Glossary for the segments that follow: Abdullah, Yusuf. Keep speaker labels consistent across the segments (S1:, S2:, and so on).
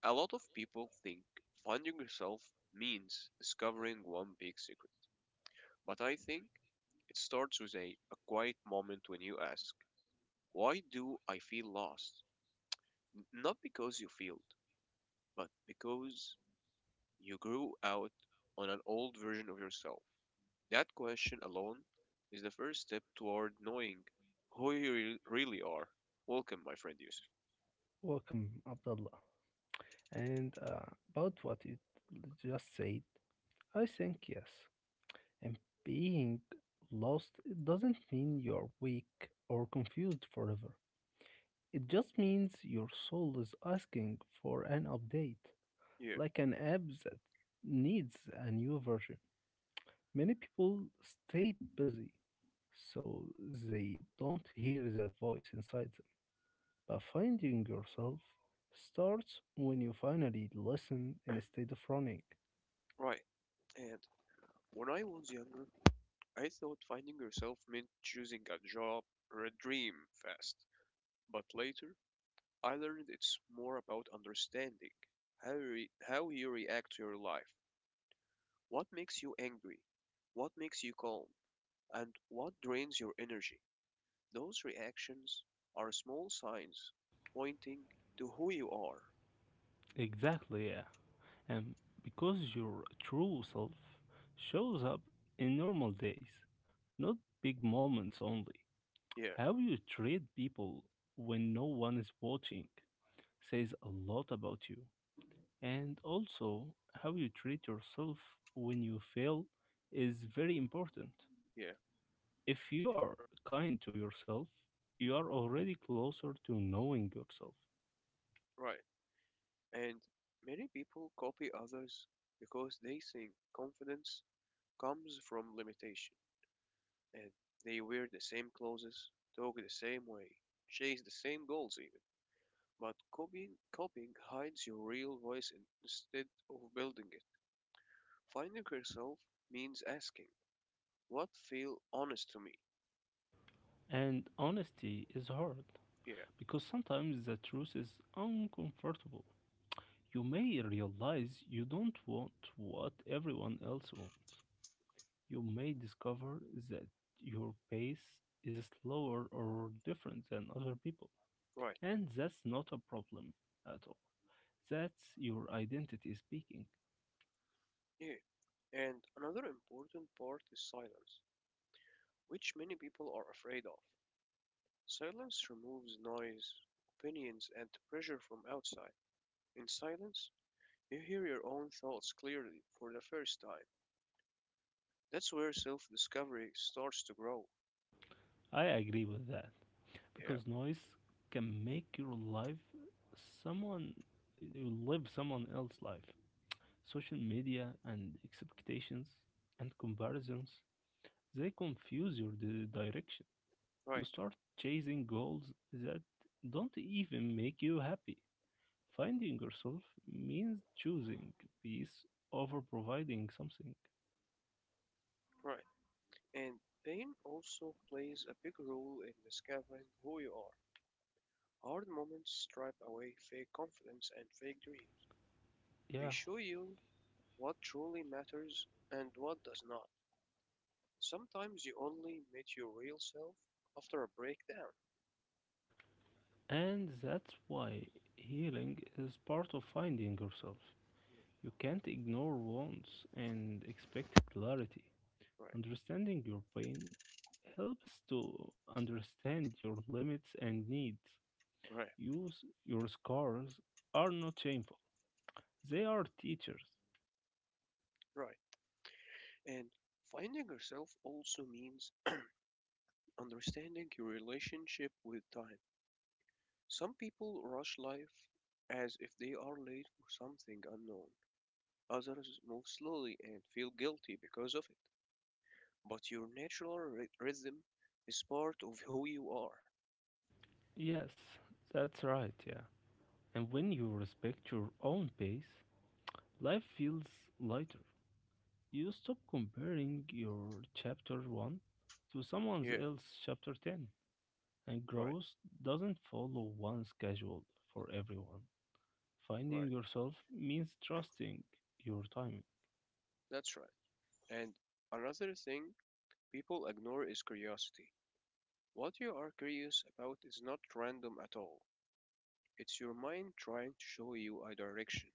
S1: A lot of people think funding yourself means discovering one big secret, but I think it starts with a quiet moment when you ask, why do I feel lost? Not because you failed, but because you grew out on an old version of yourself. That question alone is the first step toward knowing who you really are. Welcome, my friend Yusuf.
S2: Welcome, Abdullah. And About what you just said, I think yes. And being lost it doesn't mean you're weak or confused forever. It just means your soul is asking for an update,
S1: Yeah,
S2: like an app that needs a new version. Many people stay busy, so they don't hear that voice inside. But finding yourself starts when you finally listen instead of running.
S1: right. And when I was younger, I thought finding yourself meant choosing a job or a dream fast. But later, I learned it's more about understanding how you react to your life, what makes you angry, what makes you calm, and what drains your energy. Those reactions are small signs pointing to who you are.
S2: Exactly, yeah. And because your true self shows up in normal days, not big moments only.
S1: Yeah,
S2: How you treat people when no one is watching says a lot about you. And also, how you treat yourself when you fail is very important.
S1: yeah,
S2: If you are kind to yourself, you are already closer to knowing yourself.
S1: right. And many people copy others because they think confidence comes from limitation, and they wear the same clothes, talk the same way, chase the same goals even. But copying hides your real voice instead of building it. Finding yourself means asking, what feel honest to me?
S2: And honesty is hard
S1: Yeah,
S2: because sometimes the truth is uncomfortable. You may realize you don't want what everyone else wants. You may discover that your pace is slower or different than other people.
S1: right.
S2: And that's not a problem at all. That's your identity speaking.
S1: Yeah, and another important part is silence, which many people are afraid of. Silence removes noise, opinions, and pressure from outside. In silence, you hear your own thoughts clearly for the first time. That's where self discovery starts to grow.
S2: I agree with that,
S1: Yeah,
S2: because noise can make your life someone you live someone else's life. Social media and expectations and comparisons they confuse your direction. You
S1: right,
S2: start chasing goals that don't even make you happy. Finding yourself means choosing peace over providing something.
S1: right. And pain also plays a big role in discovering who you are. Hard moments strip away fake confidence and fake dreams. They
S2: Yeah,
S1: show you what truly matters and what does not. Sometimes you only meet your real self after a breakdown.
S2: and that's why healing is part of finding yourself.
S1: Yeah.
S2: You can't ignore wants and expect clarity.
S1: Right,
S2: Understanding your pain helps to understand your limits and needs.
S1: right,
S2: Use your scars are not shameful. They are teachers.
S1: right. And finding yourself also means understanding your relationship with time. Some people rush life as if they are late for something unknown. Others move slowly and feel guilty because of it. But your natural rhythm is part of who you are.
S2: Yes, that's right, yeah. And when you respect your own pace, life feels lighter. You stop comparing your chapter 1 to someone
S1: Yeah,
S2: else's chapter 10. And
S1: right,
S2: growth doesn't follow one schedule for everyone. Finding
S1: right.
S2: yourself means trusting your timing.
S1: That's right. And another thing people ignore is curiosity. What you are curious about is not random at all. It's your mind trying to show you a direction.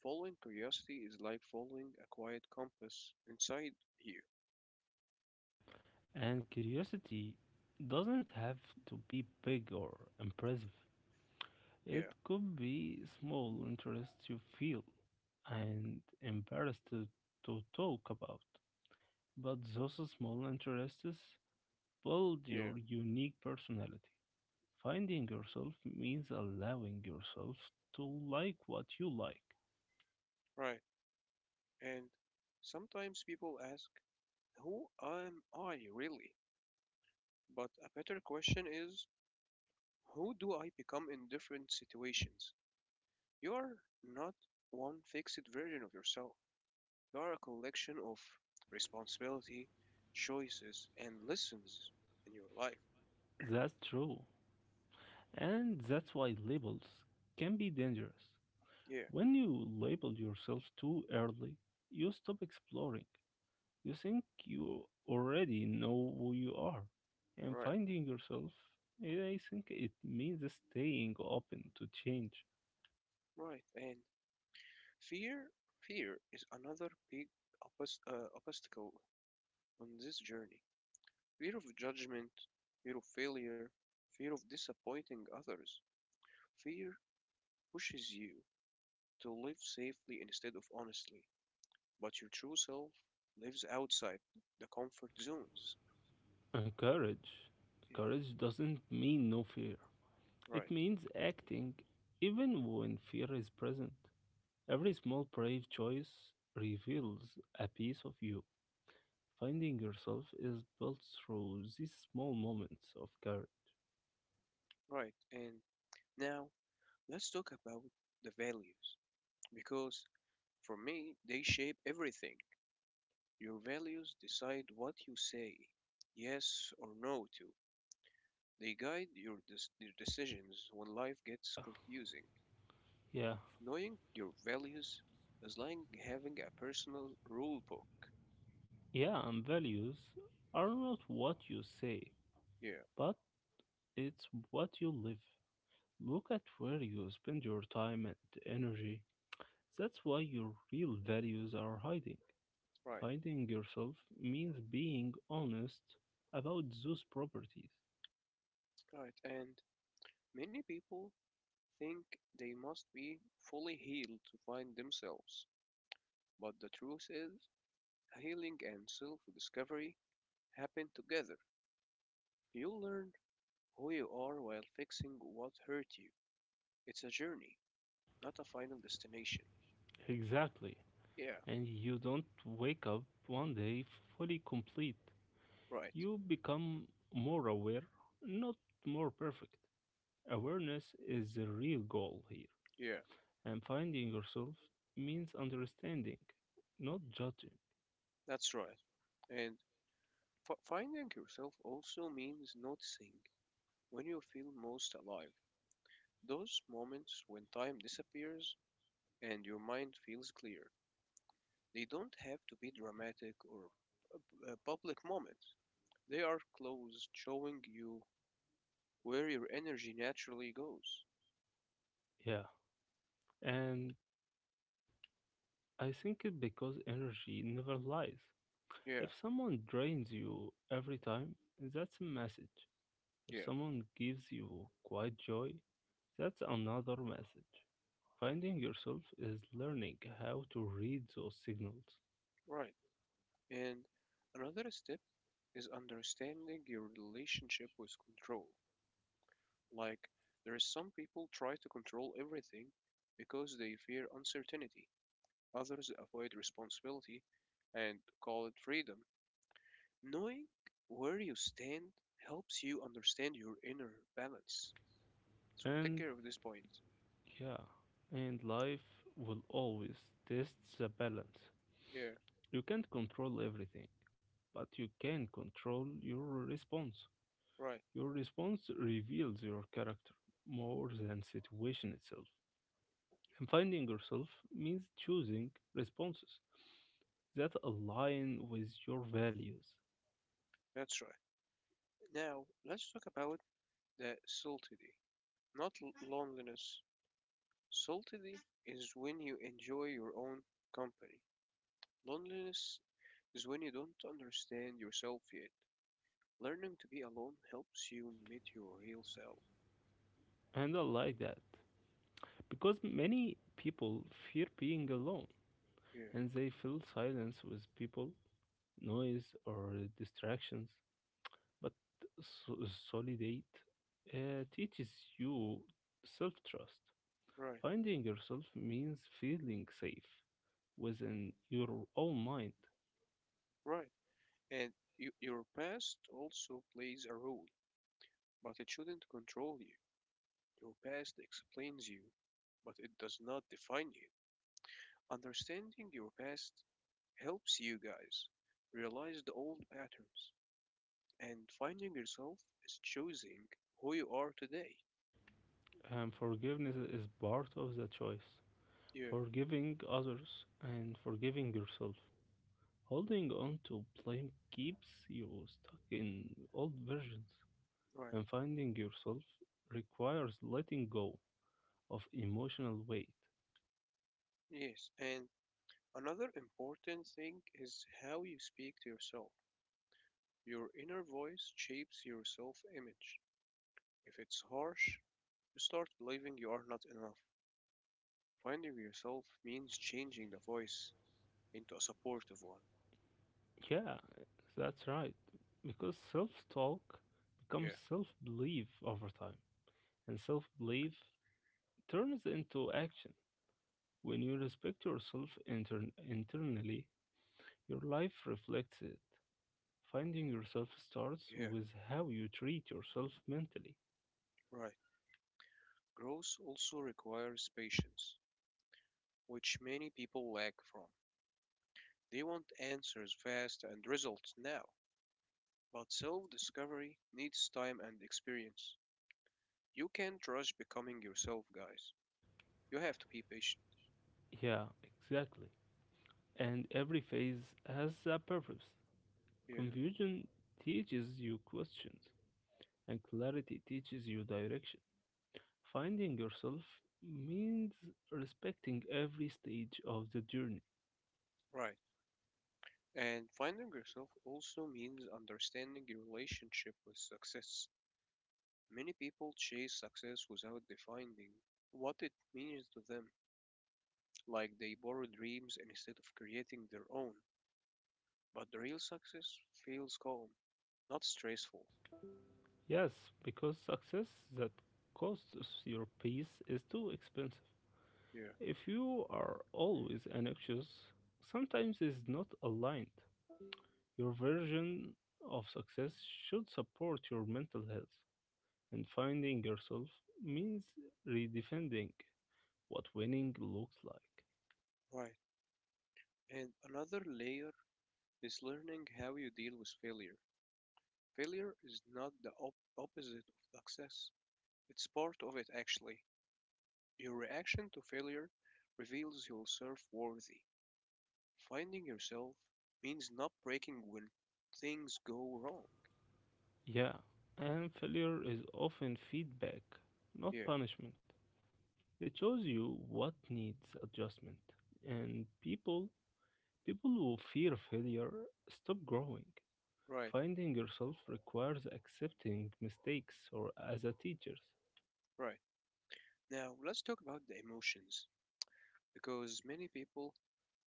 S1: Following curiosity is like following a quiet compass inside you.
S2: And curiosity doesn't have to be big or impressive.
S1: Yeah,
S2: It could be small interests you feel and embarrassed to talk about. But those small interests build
S1: yeah,
S2: your unique personality. Finding yourself means allowing yourself to like what you like.
S1: right. And sometimes people ask, who am I really? But a better question is, who do I become in different situations? You are not one fixed version of yourself. They are a collection of responsibility, choices, and lessons in your life.
S2: That's true. And that's why labels can be dangerous.
S1: Yeah,
S2: When you label yourself too early, you stop exploring. You think you already know who you are. And
S1: right,
S2: finding yourself, I think it means staying open to change.
S1: right. And fear, fear is another big obstacle on this journey. Fear of judgment, fear of failure, fear of disappointing others. Fear pushes you to live safely instead of honestly, but your true self lives outside the comfort zones.
S2: And courage.
S1: Yeah,
S2: Courage doesn't mean no fear,
S1: right,
S2: it means acting even when fear is present. Every small brave choice reveals a piece of you. Finding yourself is built through these small moments of courage.
S1: right. And now let's talk about the values, because for me, they shape everything. Your values decide what you say yes or no to. They guide your, your decisions when life gets confusing.
S2: Yeah,
S1: Knowing your values is like having a personal rule book.
S2: yeah, and values are not what you say,
S1: Yeah,
S2: but it's what you live. Look at where you spend your time and energy. That's why your real values are hiding.
S1: right.
S2: Finding yourself means being honest about those properties.
S1: Right, and many people think they must be fully healed to find themselves. But the truth is, healing and self discovery happen together. You'll learn who you are while fixing what hurt you. It's a journey, not a final destination.
S2: Exactly.
S1: Yeah,
S2: And you don't wake up one day fully complete.
S1: right.
S2: You become more aware, not more perfect. Awareness is the real goal here.
S1: Yeah,
S2: And finding yourself means understanding, not judging.
S1: that's right. And finding yourself also means noticing when you feel most alive. Those moments when time disappears and your mind feels clear. They don't have to be dramatic or public moments. They are closed, showing you where your energy naturally goes.
S2: Yeah. And I think it because energy never lies.
S1: Yeah,
S2: If someone drains you every time, that's a message. If
S1: yeah,
S2: someone gives you quiet joy, that's another message. Finding yourself is learning how to read those signals.
S1: right. And another step is understanding your relationship with control. Like, there is some people try to control everything because they fear uncertainty. Others avoid responsibility and call it freedom. Knowing where you stand helps you understand your inner balance. So take
S2: And
S1: care of this point.
S2: Yeah, and life will always test the balance.
S1: Yeah,
S2: You can't control everything, but you can control your response.
S1: right.
S2: Your response reveals your character more than situation itself. And finding yourself means choosing responses that align with your values.
S1: That's right. Now, let's talk about the solitude, not loneliness. Solitude is when you enjoy your own company. Loneliness is when you don't understand yourself yet. Learning to be alone helps you meet your real self.
S2: And I like that because many people fear being alone
S1: Yeah,
S2: and they fill silence with people, noise, or distractions, but so- solidate teaches you self trust.
S1: right,
S2: Finding yourself means feeling safe within your own mind.
S1: right. And you, your past also plays a role, but it shouldn't control you. Your past explains you, but it does not define you. Understanding your past helps you guys realize the old patterns, and finding yourself is choosing who you are today.
S2: And forgiveness is part of the choice.
S1: Yeah,
S2: Forgiving others and forgiving yourself. Holding on to blame keeps you stuck in old versions.
S1: right.
S2: And finding yourself requires letting go of emotional weight.
S1: Yes, and another important thing is how you speak to yourself. Your inner voice shapes your self image. If it's harsh, you start believing you are not enough. Finding yourself means changing the voice into a supportive one.
S2: Yeah, that's right. Because self talk becomes
S1: Yeah,
S2: self belief over time, and self belief turns into action. When you respect yourself internally, your life reflects it. Finding yourself starts
S1: yeah,
S2: with how you treat yourself mentally.
S1: right. Growth also requires patience, which many people lack from. They want answers fast and results now, but self discovery needs time and experience. You can't rush becoming yourself, guys. You have to be patient.
S2: Yeah, exactly. And every phase has a purpose.
S1: Yeah,
S2: Confusion teaches you questions, and clarity teaches you direction. Finding yourself means respecting every stage of the journey.
S1: right. And finding yourself also means understanding your relationship with success. Many people chase success without defining what it means to them, like they borrow dreams instead of creating their own. But the real success feels calm, not stressful.
S2: Yes, because success that costs your peace is too expensive.
S1: Yeah,
S2: If you are always anxious, sometimes is not aligned. Your version of success should support your mental health, and finding yourself means redefining what winning looks like.
S1: right. And another layer is learning how you deal with failure. Failure is not the opposite of success. It's part of it, actually. Your reaction to failure reveals you're self worthy. Finding yourself means not breaking when things go wrong.
S2: Yeah, and failure is often feedback, not
S1: Yeah,
S2: punishment. It shows you what needs adjustment, and people who fear failure stop growing.
S1: right,
S2: Finding yourself requires accepting mistakes or as a teacher.
S1: right. Now, let's talk about the emotions, because many people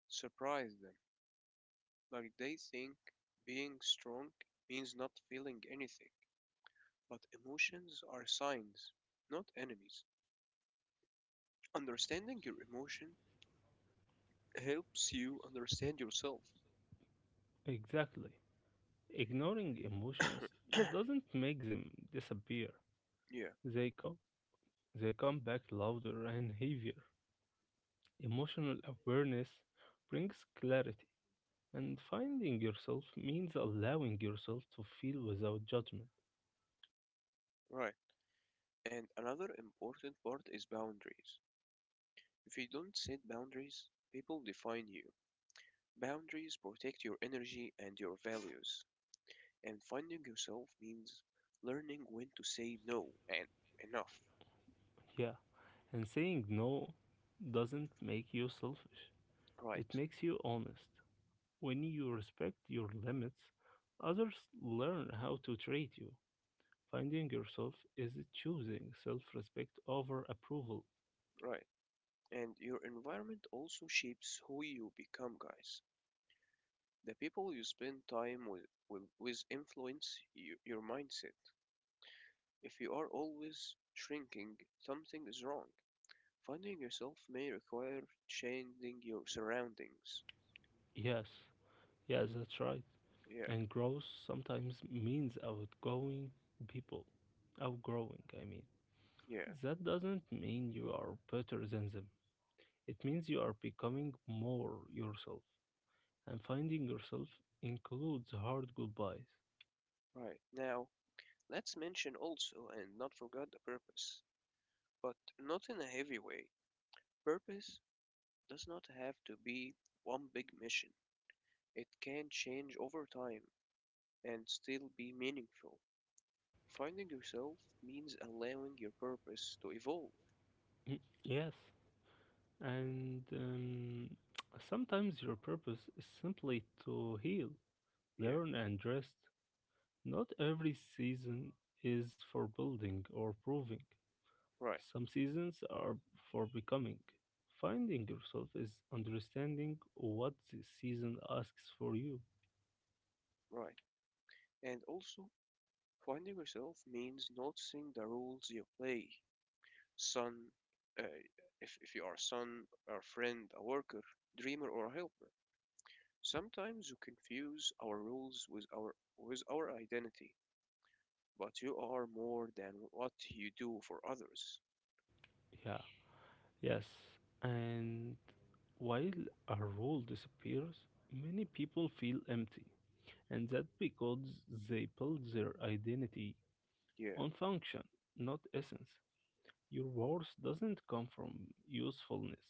S1: surprise them. Like, they think being strong means not feeling anything. But emotions are signs, not enemies. Understanding your emotion helps you understand yourself.
S2: Exactly. Ignoring emotions doesn't make them disappear.
S1: Yeah,
S2: They come they come back louder and heavier. Emotional awareness brings clarity, and finding yourself means allowing yourself to feel without judgment.
S1: right. And another important part is boundaries. If you don't set boundaries, people define you. Boundaries protect your energy and your values. And finding yourself means learning when to say no and enough.
S2: Yeah, and saying no doesn't make you selfish,
S1: Right,
S2: it makes you honest. When you respect your limits, others learn how to treat you. Finding yourself is choosing self respect over approval.
S1: right. And your environment also shapes who you become, guys. The people you spend time with will with influence you, your mindset. If you are always shrinking, something is wrong. Finding yourself may require changing your surroundings.
S2: Yes, yes, that's right.
S1: Yeah,
S2: And growth sometimes means outgoing people. Outgrowing, I mean.
S1: yeah,
S2: That doesn't mean you are better than them. It means you are becoming more yourself, and finding yourself includes hard goodbyes.
S1: right. Now, let's mention also and not forget the purpose, but not in a heavy way. Purpose does not have to be one big mission, it can change over time and still be meaningful. Finding yourself means allowing your purpose to evolve.
S2: Mm, yes, and sometimes your purpose is simply to heal,
S1: Yeah,
S2: learn, and rest. Not every season is for building or proving,
S1: right,
S2: some seasons are for becoming. Finding yourself is understanding what the season asks for you.
S1: right. And also, finding yourself means noticing the roles you play, son, uh, if you are a son, or a friend, a worker, dreamer, or a helper. Sometimes you confuse our roles with our identity, but you are more than what you do for others.
S2: Yeah, yes, and while a role disappears, many people feel empty, and that's because they build their identity
S1: Yeah,
S2: on function, not essence. Your worth doesn't come from usefulness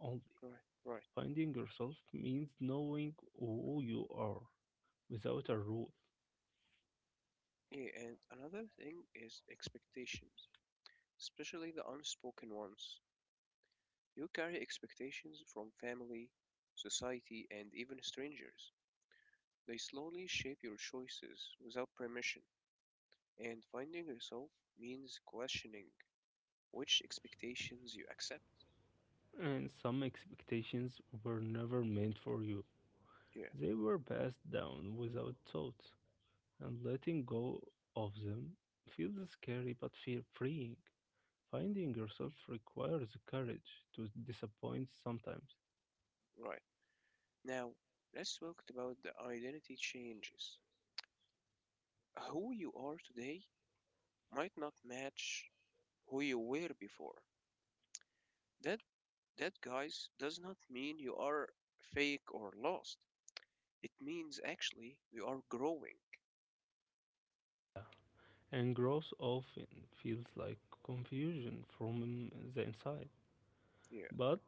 S2: only.
S1: right, right.
S2: Finding yourself means knowing who you are without a rule.
S1: Yeah, and another thing is expectations, especially the unspoken ones. You carry expectations from family, society, and even strangers. They slowly shape your choices without permission. And finding yourself means questioning which expectations you accept.
S2: And some expectations were never meant for you.
S1: Yeah,
S2: They were passed down without thought, and letting go of them feels scary but feel freeing. Finding yourself requires courage to disappoint sometimes.
S1: right. Now, let's talk about the identity changes. Who you are today might not match who you were before. That that guys does not mean you are fake or lost. It means actually you are growing.
S2: And growth often feels like confusion from the inside.
S1: Yeah,
S2: But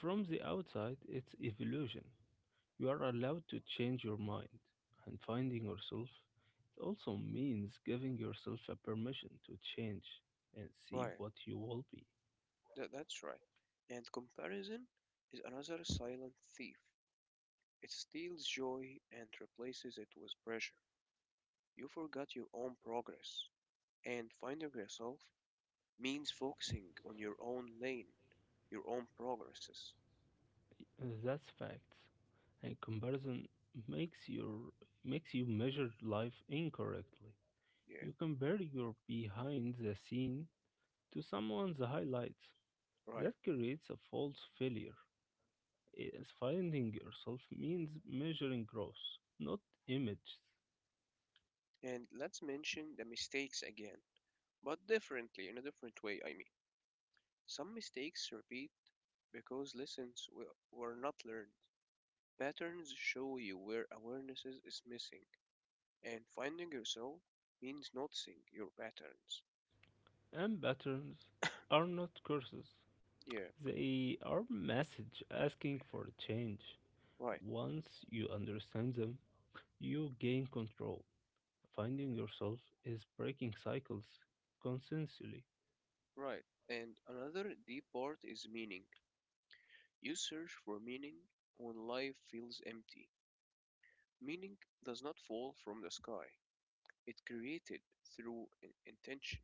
S2: from the outside, it's evolution. You are allowed to change your mind and finding yourself. It also means giving yourself a permission to change and see
S1: right.
S2: what you will be.
S1: That's right. And comparison is another silent thief. It steals joy and replaces it with pressure. You forgot your own progress, and finding yourself means focusing on your own lane, your own progresses.
S2: That's facts. And comparison makes your makes you measure life incorrectly.
S1: Yeah,
S2: You compare your behind the scene to someone's highlights.
S1: right.
S2: That creates a false failure, as finding yourself means measuring growth, not images.
S1: And let's mention the mistakes again, but differently, in a different way, I mean. Some mistakes repeat because lessons were not learned. Patterns show you where awareness is missing, and finding yourself means noticing your patterns.
S2: And patterns are not curses,
S1: Yeah,
S2: they are message asking for a change.
S1: right,
S2: Once you understand them, you gain control. Finding yourself is breaking cycles consensually.
S1: right. And another deep part is meaning. You search for meaning when life feels empty. Meaning does not fall from the sky. It created through intention.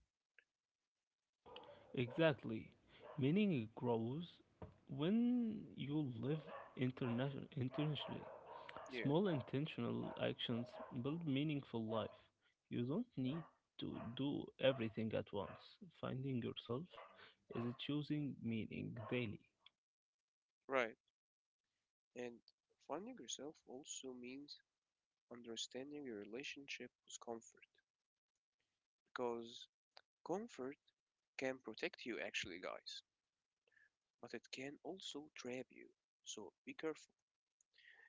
S2: Exactly. Meaning grows when you live intentionally.
S1: Yeah,
S2: Small intentional actions build meaningful life. You don't need to do everything at once. Finding yourself is choosing meaning daily.
S1: right. And finding yourself also means understanding your relationship with comfort, because comfort can protect you actually, guys, but it can also trap you. So be careful.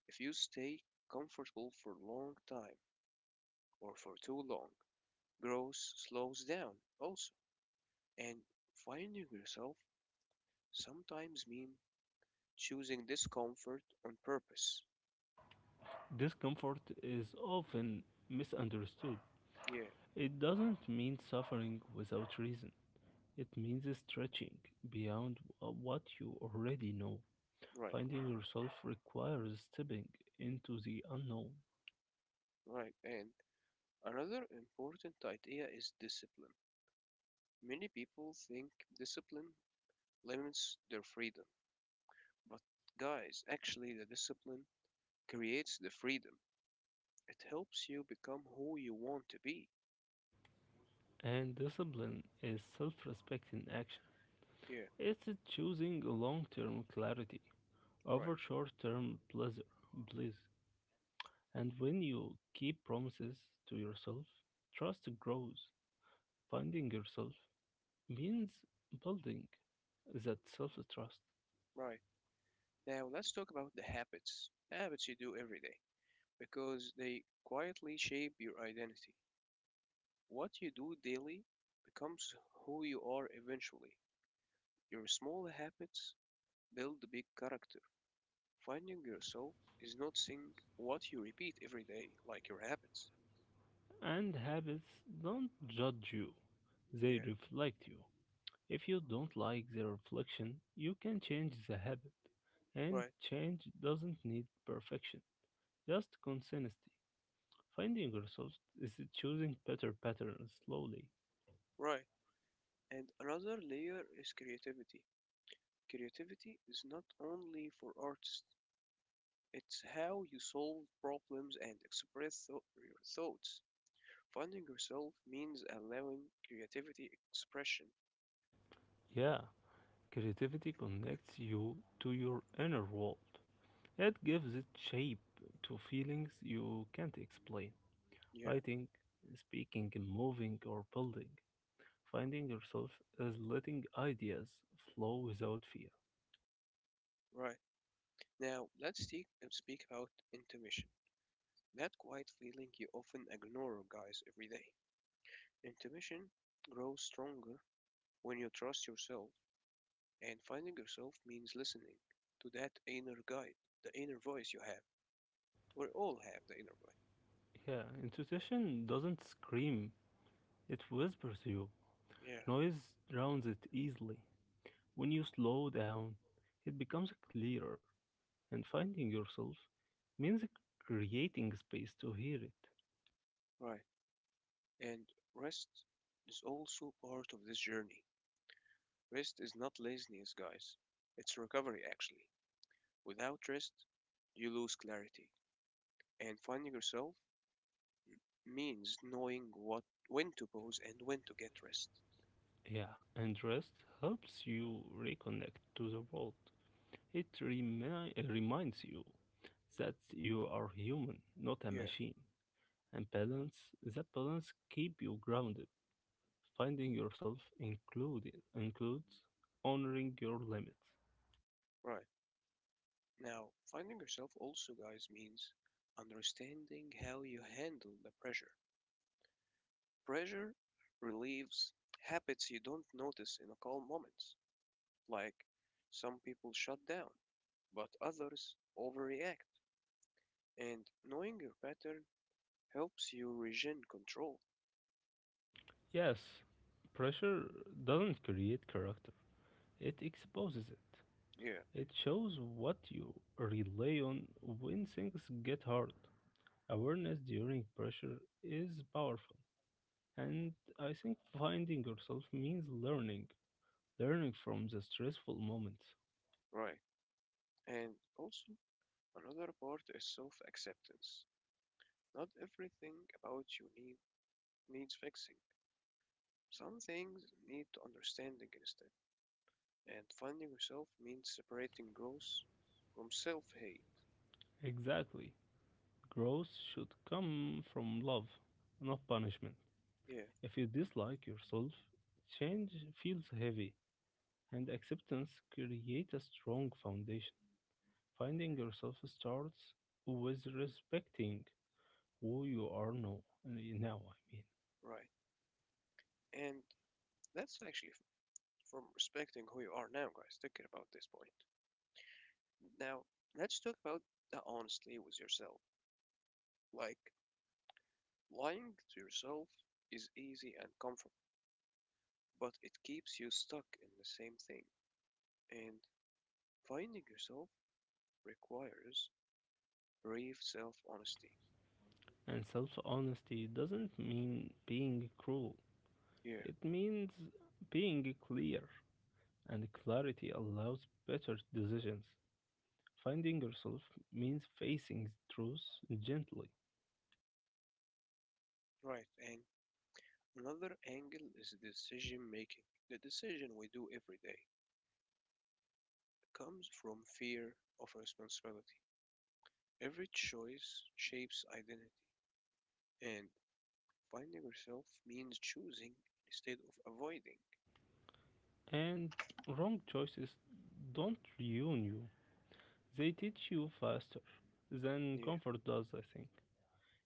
S1: If you stay comfortable for a long time or for too long, growth slows down also. And finding yourself sometimes mean choosing discomfort on purpose.
S2: Discomfort is often misunderstood.
S1: Yeah,
S2: It doesn't mean suffering without reason. It means stretching beyond what you already know.
S1: right,
S2: Finding yourself requires stepping into the unknown,
S1: right. And another important idea is discipline. Many people think discipline limits their freedom, but guys, actually, the discipline creates the freedom. It helps you become who you want to be.
S2: and discipline is self respect in action.
S1: Yeah,
S2: It's choosing long term clarity
S1: right,
S2: over short term pleasure, bliss. And when you keep promises to yourself, trust grows. Finding yourself means building that self trust.
S1: right. Now let's talk about the habits. Habits you do every day because they quietly shape your identity. What you do daily becomes who you are eventually. Your small habits build a big character. Finding yourself is noticing what you repeat every day, like your habits.
S2: And habits don't judge you,
S1: Yeah,
S2: they reflect you. If you don't like the reflection, you can change the habit. And
S1: right,
S2: change doesn't need perfection, just consistency. Finding yourself is choosing better patterns slowly.
S1: right. And another layer is creativity. Creativity is not only for artists, it's how you solve problems and express your thoughts. Finding yourself means allowing creativity expression.
S2: Yeah, creativity connects you to your inner world. It gives it shape to feelings you can't explain.
S1: Yeah,
S2: Writing, speaking, moving, or building. Finding yourself is letting ideas flow without fear.
S1: right. Now, let's take, speak about intuition, that quiet feeling you often ignore, guys, every day. Intuition grows stronger when you trust yourself, and finding yourself means listening to that inner guide, the inner voice you have. We all have the inner voice.
S2: Yeah, intuition doesn't scream, it whispers you.
S1: Yeah,
S2: Noise drowns it easily. When you slow down, it becomes clearer, and finding yourself means creating space to hear it.
S1: right. And rest is also part of this journey. Rest is not laziness, guys, it's recovery, actually. Without rest, you lose clarity, and finding yourself means knowing what when to pause and when to get rest.
S2: Yeah, and rest helps you reconnect to the world. It reminds you that you are human, not a
S1: Yeah,
S2: machine. And balance, that balance keep you grounded. Finding yourself included includes honoring your limits.
S1: right. Now, finding yourself also, guys, means understanding how you handle the pressure. Pressure relieves habits you don't notice in a calm moments. Like some people shut down, but others overreact. And knowing your pattern helps you regain control.
S2: Yes, pressure doesn't create character; it exposes it.
S1: Yeah,
S2: It shows what you rely on when things get hard. Awareness during pressure is powerful, and I think finding yourself means learning from the stressful moments.
S1: right. And also, another part is self acceptance. Not everything about you needs means fixing. Some things need understanding instead. And finding yourself means separating growth from self hate.
S2: Exactly. Growth should come from love, not punishment.
S1: Yeah,
S2: If you dislike yourself, change feels heavy, and acceptance creates a strong foundation. Finding yourself starts with respecting who you are now, now I mean.
S1: right. And that's actually from respecting who you are now, guys. Thinking about this point. Now, let's talk about the honesty with yourself. Like, lying to yourself is easy and comfortable, but it keeps you stuck in the same thing. And finding yourself requires brave self honesty.
S2: And self honesty doesn't mean being cruel,
S1: Yeah,
S2: it means being clear. And clarity allows better decisions. Finding yourself means facing truth gently.
S1: right. And another angle is decision making. The decision we do every day comes from fear of responsibility. Every choice shapes identity, and finding yourself means choosing instead of avoiding.
S2: And wrong choices don't ruin you, they teach you faster than
S1: Yeah,
S2: comfort does, I think.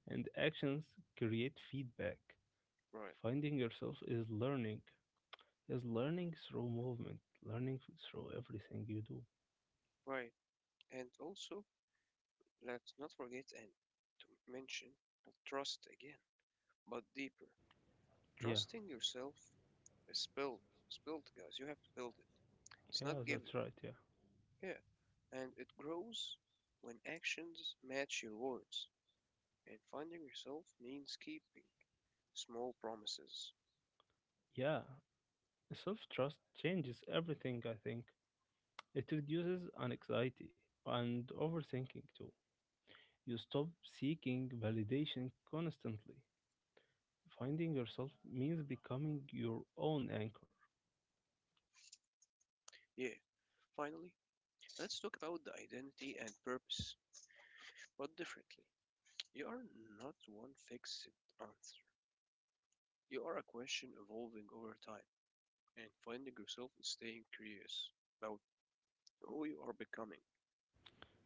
S2: And actions create feedback.
S1: right,
S2: Finding yourself is learning through movement, learning through everything you do.
S1: right. And also, let's not forget and to mention trust again, but deeper.
S2: Yeah,
S1: Trusting yourself is built. It's built, guys. You have to build it. It's not
S2: yeah,
S1: given.
S2: that's right. Yeah,
S1: Yeah, and it grows when actions match your words, and finding yourself means keeping small promises.
S2: yeah. Self trust changes everything, I think. It reduces anxiety and overthinking too. You stop seeking validation constantly. Finding yourself means becoming your own anchor.
S1: Yeah, finally, let's talk about the identity and purpose, but differently. You are not one fixed answer. You are a question evolving over time, and finding yourself is staying curious about who you are becoming.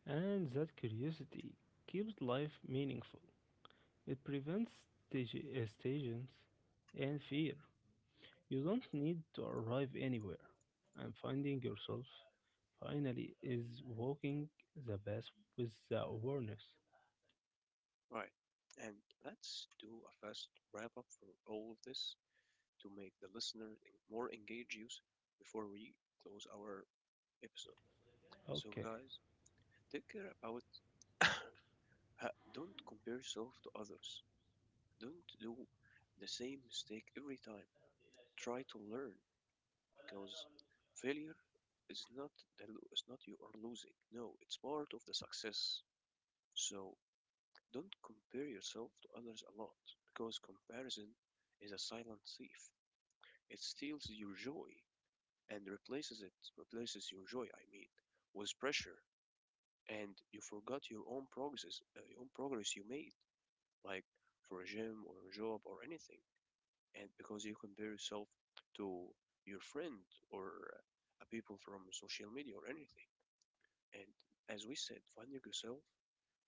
S2: And that curiosity keeps life meaningful. It prevents stagnance and fear. You don't need to arrive anywhere, and finding yourself finally is walking the path with the awareness.
S1: Right, and let's do a fast wrap up for all of this, to make the listener more engaged, use before we close our episode. So,
S2: Okay,
S1: guys, take care about don't compare yourself to others. Don't do the same mistake every time. Try to learn because failure is not not you are losing. No, it's part of the success. So don't compare yourself to others a lot because comparison is a silent thief. It steals your joy and replaces it, replaces your joy, I mean, with pressure, and you forgot your own progress you made, like for a gym or a job or anything, and because you compare yourself to your friend or people from social media or anything, and as we said, finding yourself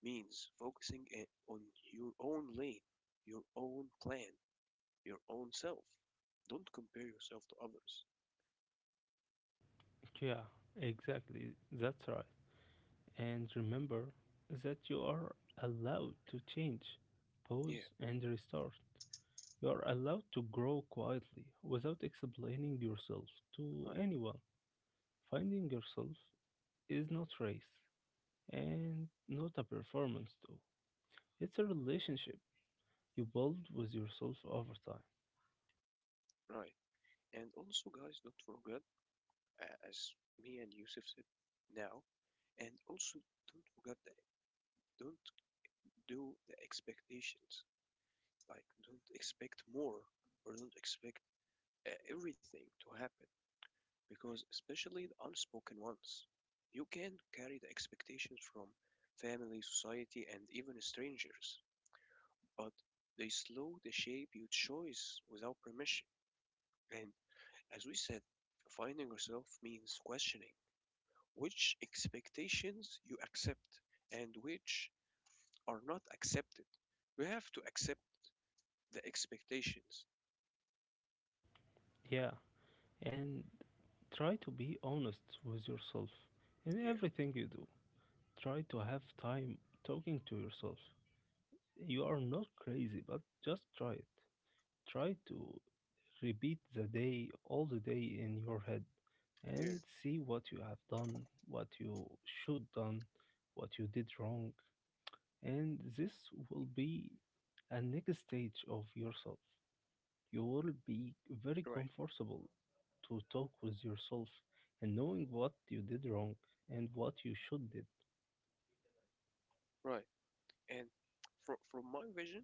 S1: means focusing on your own lane, your own plan, your own self. Don't compare yourself to others.
S2: yeah, exactly, that's right. And remember that you are allowed to change, pause,
S1: Yeah,
S2: and restart. You are allowed to grow quietly without explaining yourself to
S1: right,
S2: anyone. Finding yourself is not race and not a performance too. It's a relationship you build with yourself over time.
S1: right. And also, guys, don't forget as me and Yusuf said now. And also, don't forget that don't do the expectations. Like, don't expect more or don't expect everything to happen because, especially the unspoken ones, you can carry the expectations from family, society, and even strangers, but they slow the shape your choice without permission. And as we said, finding yourself means questioning which expectations you accept and which are not accepted. We have to accept the expectations.
S2: Yeah, and try to be honest with yourself in
S1: Yeah,
S2: everything you do. Try to have time talking to yourself. You are not crazy, but just try it. Try to repeat the day all the day in your head
S1: yeah,
S2: and see what you have done, what you should done, what you did wrong, and this will be a next stage of yourself. You will be very
S1: right,
S2: comfortable to talk with yourself and knowing what you did wrong and what you should did.
S1: right. And from my vision,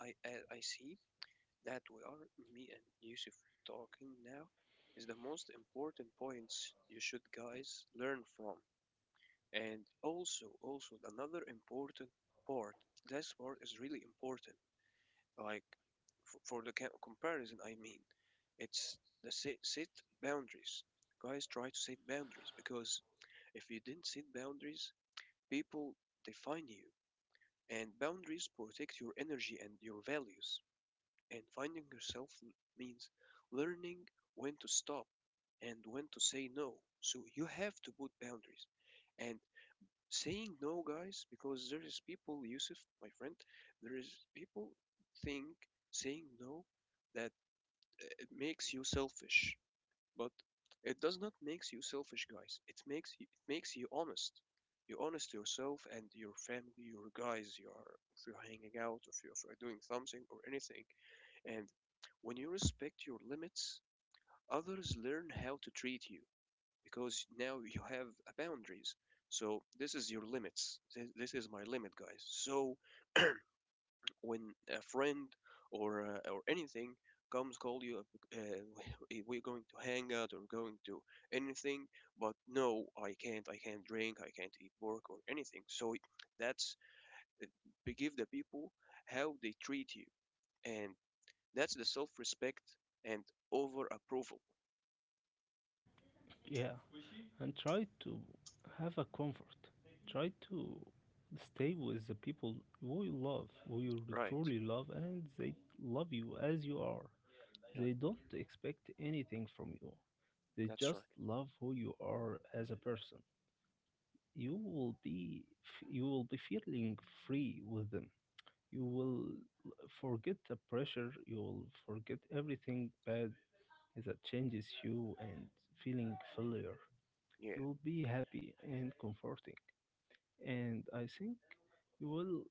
S1: I see that we are me and Yusuf talking now is the most important points you should guys learn from. And also another important part. This part is really important. Like, for the comparison I mean, it's the set boundaries, guys. Try to set boundaries because if you didn't set boundaries, people define you, and boundaries protect your energy and your values, and finding yourself means learning when to stop and when to say no. So you have to put boundaries and saying no, guys, because there is people, Yusuf, my friend, there is people think saying no that it makes you selfish, but it does not makes you selfish, guys. It makes you honest. You're honest to yourself and your family, your guys, you are if you're hanging out, if you're doing something or anything, and when you respect your limits, others learn how to treat you because now you have boundaries. So this is your limits. This is my limit, guys. So when a friend or anything comes call you, uh, we're going to hang out or going to anything, but no, I can't. I can't drink. I can't eat pork or anything. So that's uh, we give the people how they treat you, and that's the self-respect and over approval.
S2: Yeah, and try to have a comfort. Try to stay with the people who you love, who you
S1: Right.
S2: truly love, and they love you as you are.
S1: Yeah.
S2: They don't expect anything from you. They
S1: That's right.
S2: just love who you are as a person. You will be you will be feeling free with them. You will forget the pressure, you will forget everything bad that changes you and feeling failure.
S1: Yeah.
S2: You will be happy and comforting. And I think you will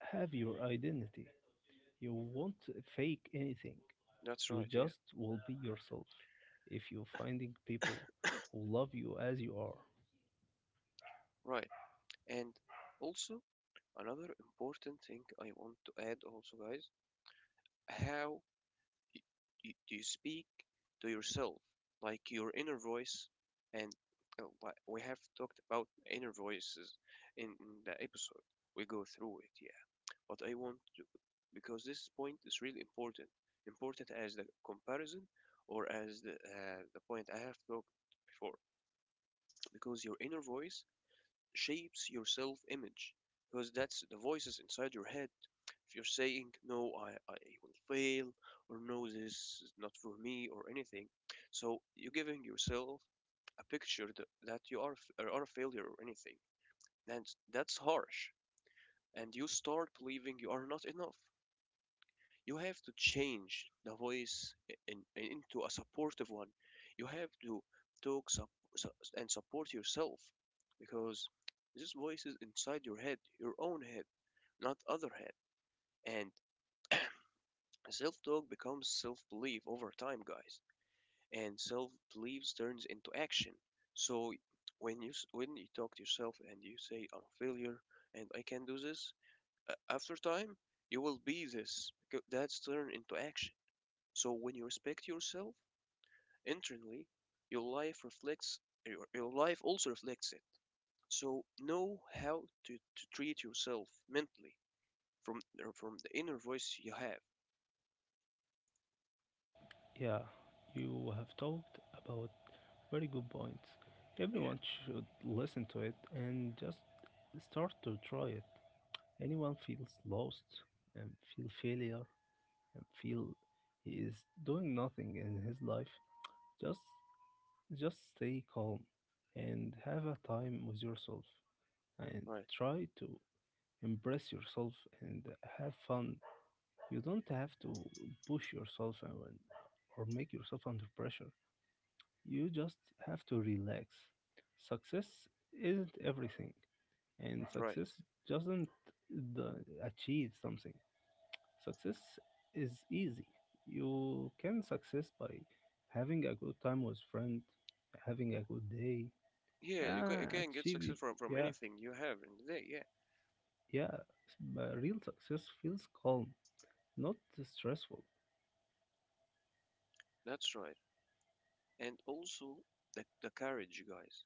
S2: have your identity. You won't fake anything.
S1: That's
S2: You
S1: right. Yeah.
S2: just will be yourself. If you're finding people who love you as you are.
S1: Right. And also, another important thing I want to add also, guys, how y- do you speak to yourself, like your inner voice, and we have talked about inner voices in the episode. We go through it, yeah. But I want to, because this point is really important, important as the comparison or as the point I have talked before, because your inner voice shapes your self-image because that's the voices inside your head. If you're saying no, I will fail, or no, this is not for me, or anything, so you're giving yourself a picture that you are a failure or anything, and that's harsh. And you start believing you are not enough. You have to change the voice into a supportive one. You have to talk sup- and support yourself because this voice is inside your head, your own head, not other head. And self-talk becomes self-belief over time, guys. And self-belief turns into action. So when you talk to yourself and you say I'm a failure and I can do this, after time you will be this. That's turned into action. So when you respect yourself internally, your life reflects your life also reflects it. So know how to treat yourself mentally from the inner voice you have.
S2: Yeah, you have talked about very good points.
S1: Yeah,
S2: Everyone should listen to it and just start to try it. Anyone feels lost and feel failure and feel he is doing nothing in his life, just just stay calm and have a time with yourself and
S1: right,
S2: try to embrace yourself and have fun. You don't have to push yourself and or make yourself under pressure. You just have to relax. Success isn't everything, and
S1: right.
S2: success doesn't the, achieve something. Success is easy. You can success by having a good time with friend, having a good day.
S1: Yeah,
S2: Ah,
S1: you can get
S2: achieve.
S1: success from
S2: Yeah,
S1: anything you have in the day. Yeah,
S2: yeah. But real success feels calm, not stressful.
S1: that's right. And also the courage, you guys.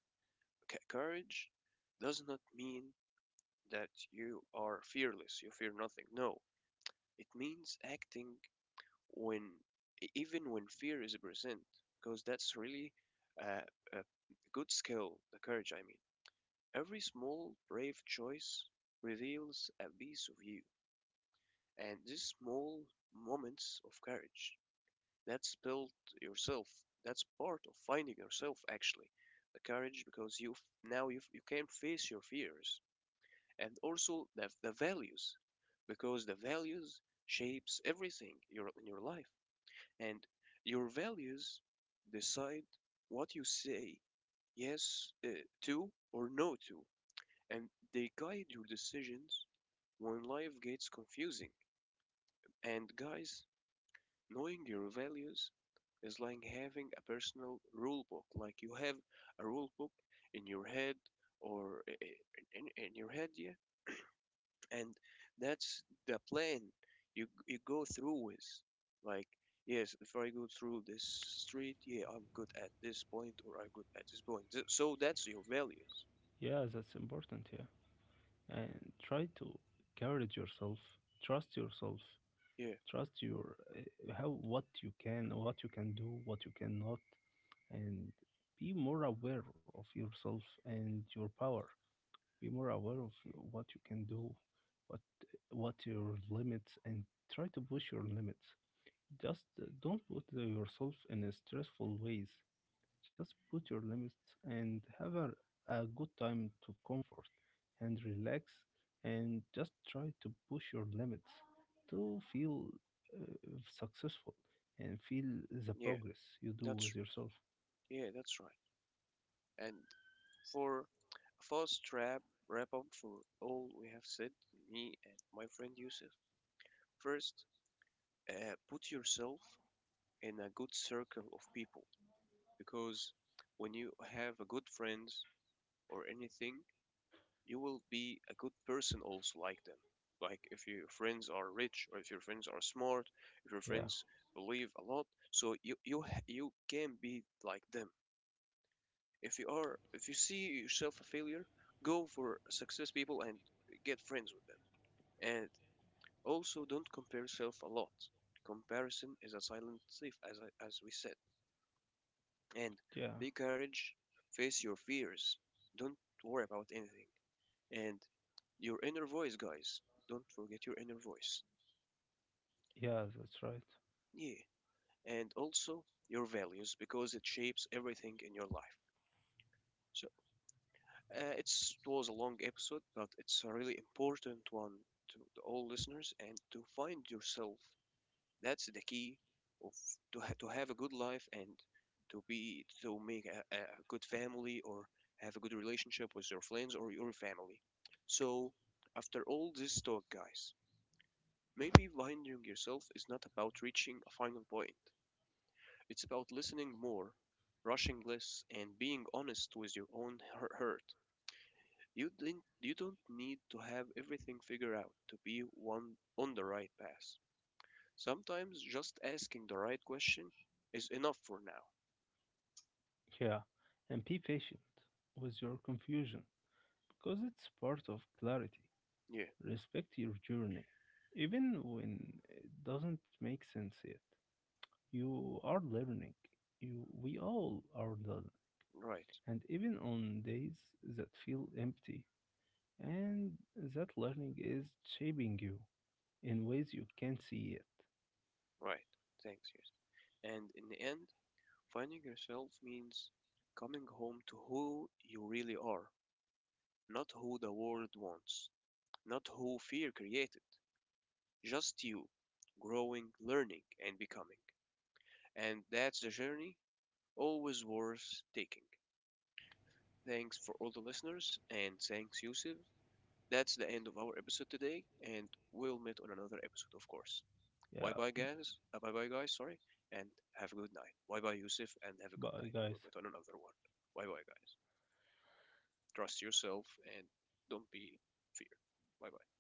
S1: Courage does not mean that you are fearless. You fear nothing. No, it means acting when even when fear is present, because that's really uh, a good skill, the courage, I mean. Every small, brave choice reveals a piece of you, and these small moments of courage that's built yourself. That's part of finding yourself, actually, the courage, because you can face your fears, and also the values, because the values shapes everything your in your life, and your values decide what you say yes to or no to, and they guide your decisions when life gets confusing. And guys, knowing your values is like having a personal rule book. Like you have a rule book in your head or in your head, yeah, and that's the plan you go through with, like yes, if I go through this street, yeah, I'm good at this point or I'm good at this point. So that's your values.
S2: Yeah, that's important. Yeah, and try to encourage yourself, trust yourself,
S1: Yeah,
S2: trust your how what you can do, what you cannot, and be more aware of yourself and your power. Be more aware of what you can do, what what your limits, and try to push your limits. Just don't put yourself in a stressful ways. Just put your limits and have a good time to comfort and relax and just try to push your limits to feel successful and feel the
S1: yeah,
S2: progress you do
S1: that's,
S2: with yourself.
S1: yeah, that's right. And for a fast trap wrap up for all we have said, me and my friend Yusuf. First, put yourself in a good circle of people because when you have a good friends or anything, you will be a good person also like them. Like if your friends are rich or if your friends are smart, if your
S2: Yeah,
S1: friends believe a lot, so you can be like them. If you are if you see yourself a failure, go for success people and get friends with them. And also don't compare yourself a lot. Comparison is a silent thief as as we said. And
S2: yeah,
S1: be courage, face your fears. Don't worry about anything. And your inner voice, guys. Don't forget your inner voice.
S2: yeah, that's right.
S1: Yeah, and also your values because it shapes everything in your life. So it was a long episode, but it's a really important one to the all listeners and to find yourself. That's the key of to have a good life and to make a good family or have a good relationship with your friends or your family. So after all this talk, guys, maybe winding yourself is not about reaching a final point. It's about listening more, rushing less, and being honest with your own hurt. You don't need to have everything figured out to be one on the right path. Sometimes just asking the right question is enough for now.
S2: Yeah, and be patient with your confusion because it's part of clarity.
S1: Yeah,
S2: Respect your journey, even when it doesn't make sense yet. You are learning. We all are learning.
S1: right,
S2: And even on days that feel empty, and that learning is shaping you in ways you can't see it.
S1: right. Thanks, yes. And in the end, finding yourself means coming home to who you really are, not who the world wants, not who fear created, just you, growing, learning, and becoming. And that's the journey always worth taking. Thanks for all the listeners, and thanks, Yusuf. That's the end of our episode today, and we'll meet on another episode, of course. Bye
S2: Yeah,
S1: bye, guys. Bye bye, guys, sorry, and have a good night. Bye bye, Yusuf, and have a good
S2: bye,
S1: night. We'll
S2: guys.
S1: meet on another one. Bye bye, guys. Trust yourself and don't be fear. Bye bye.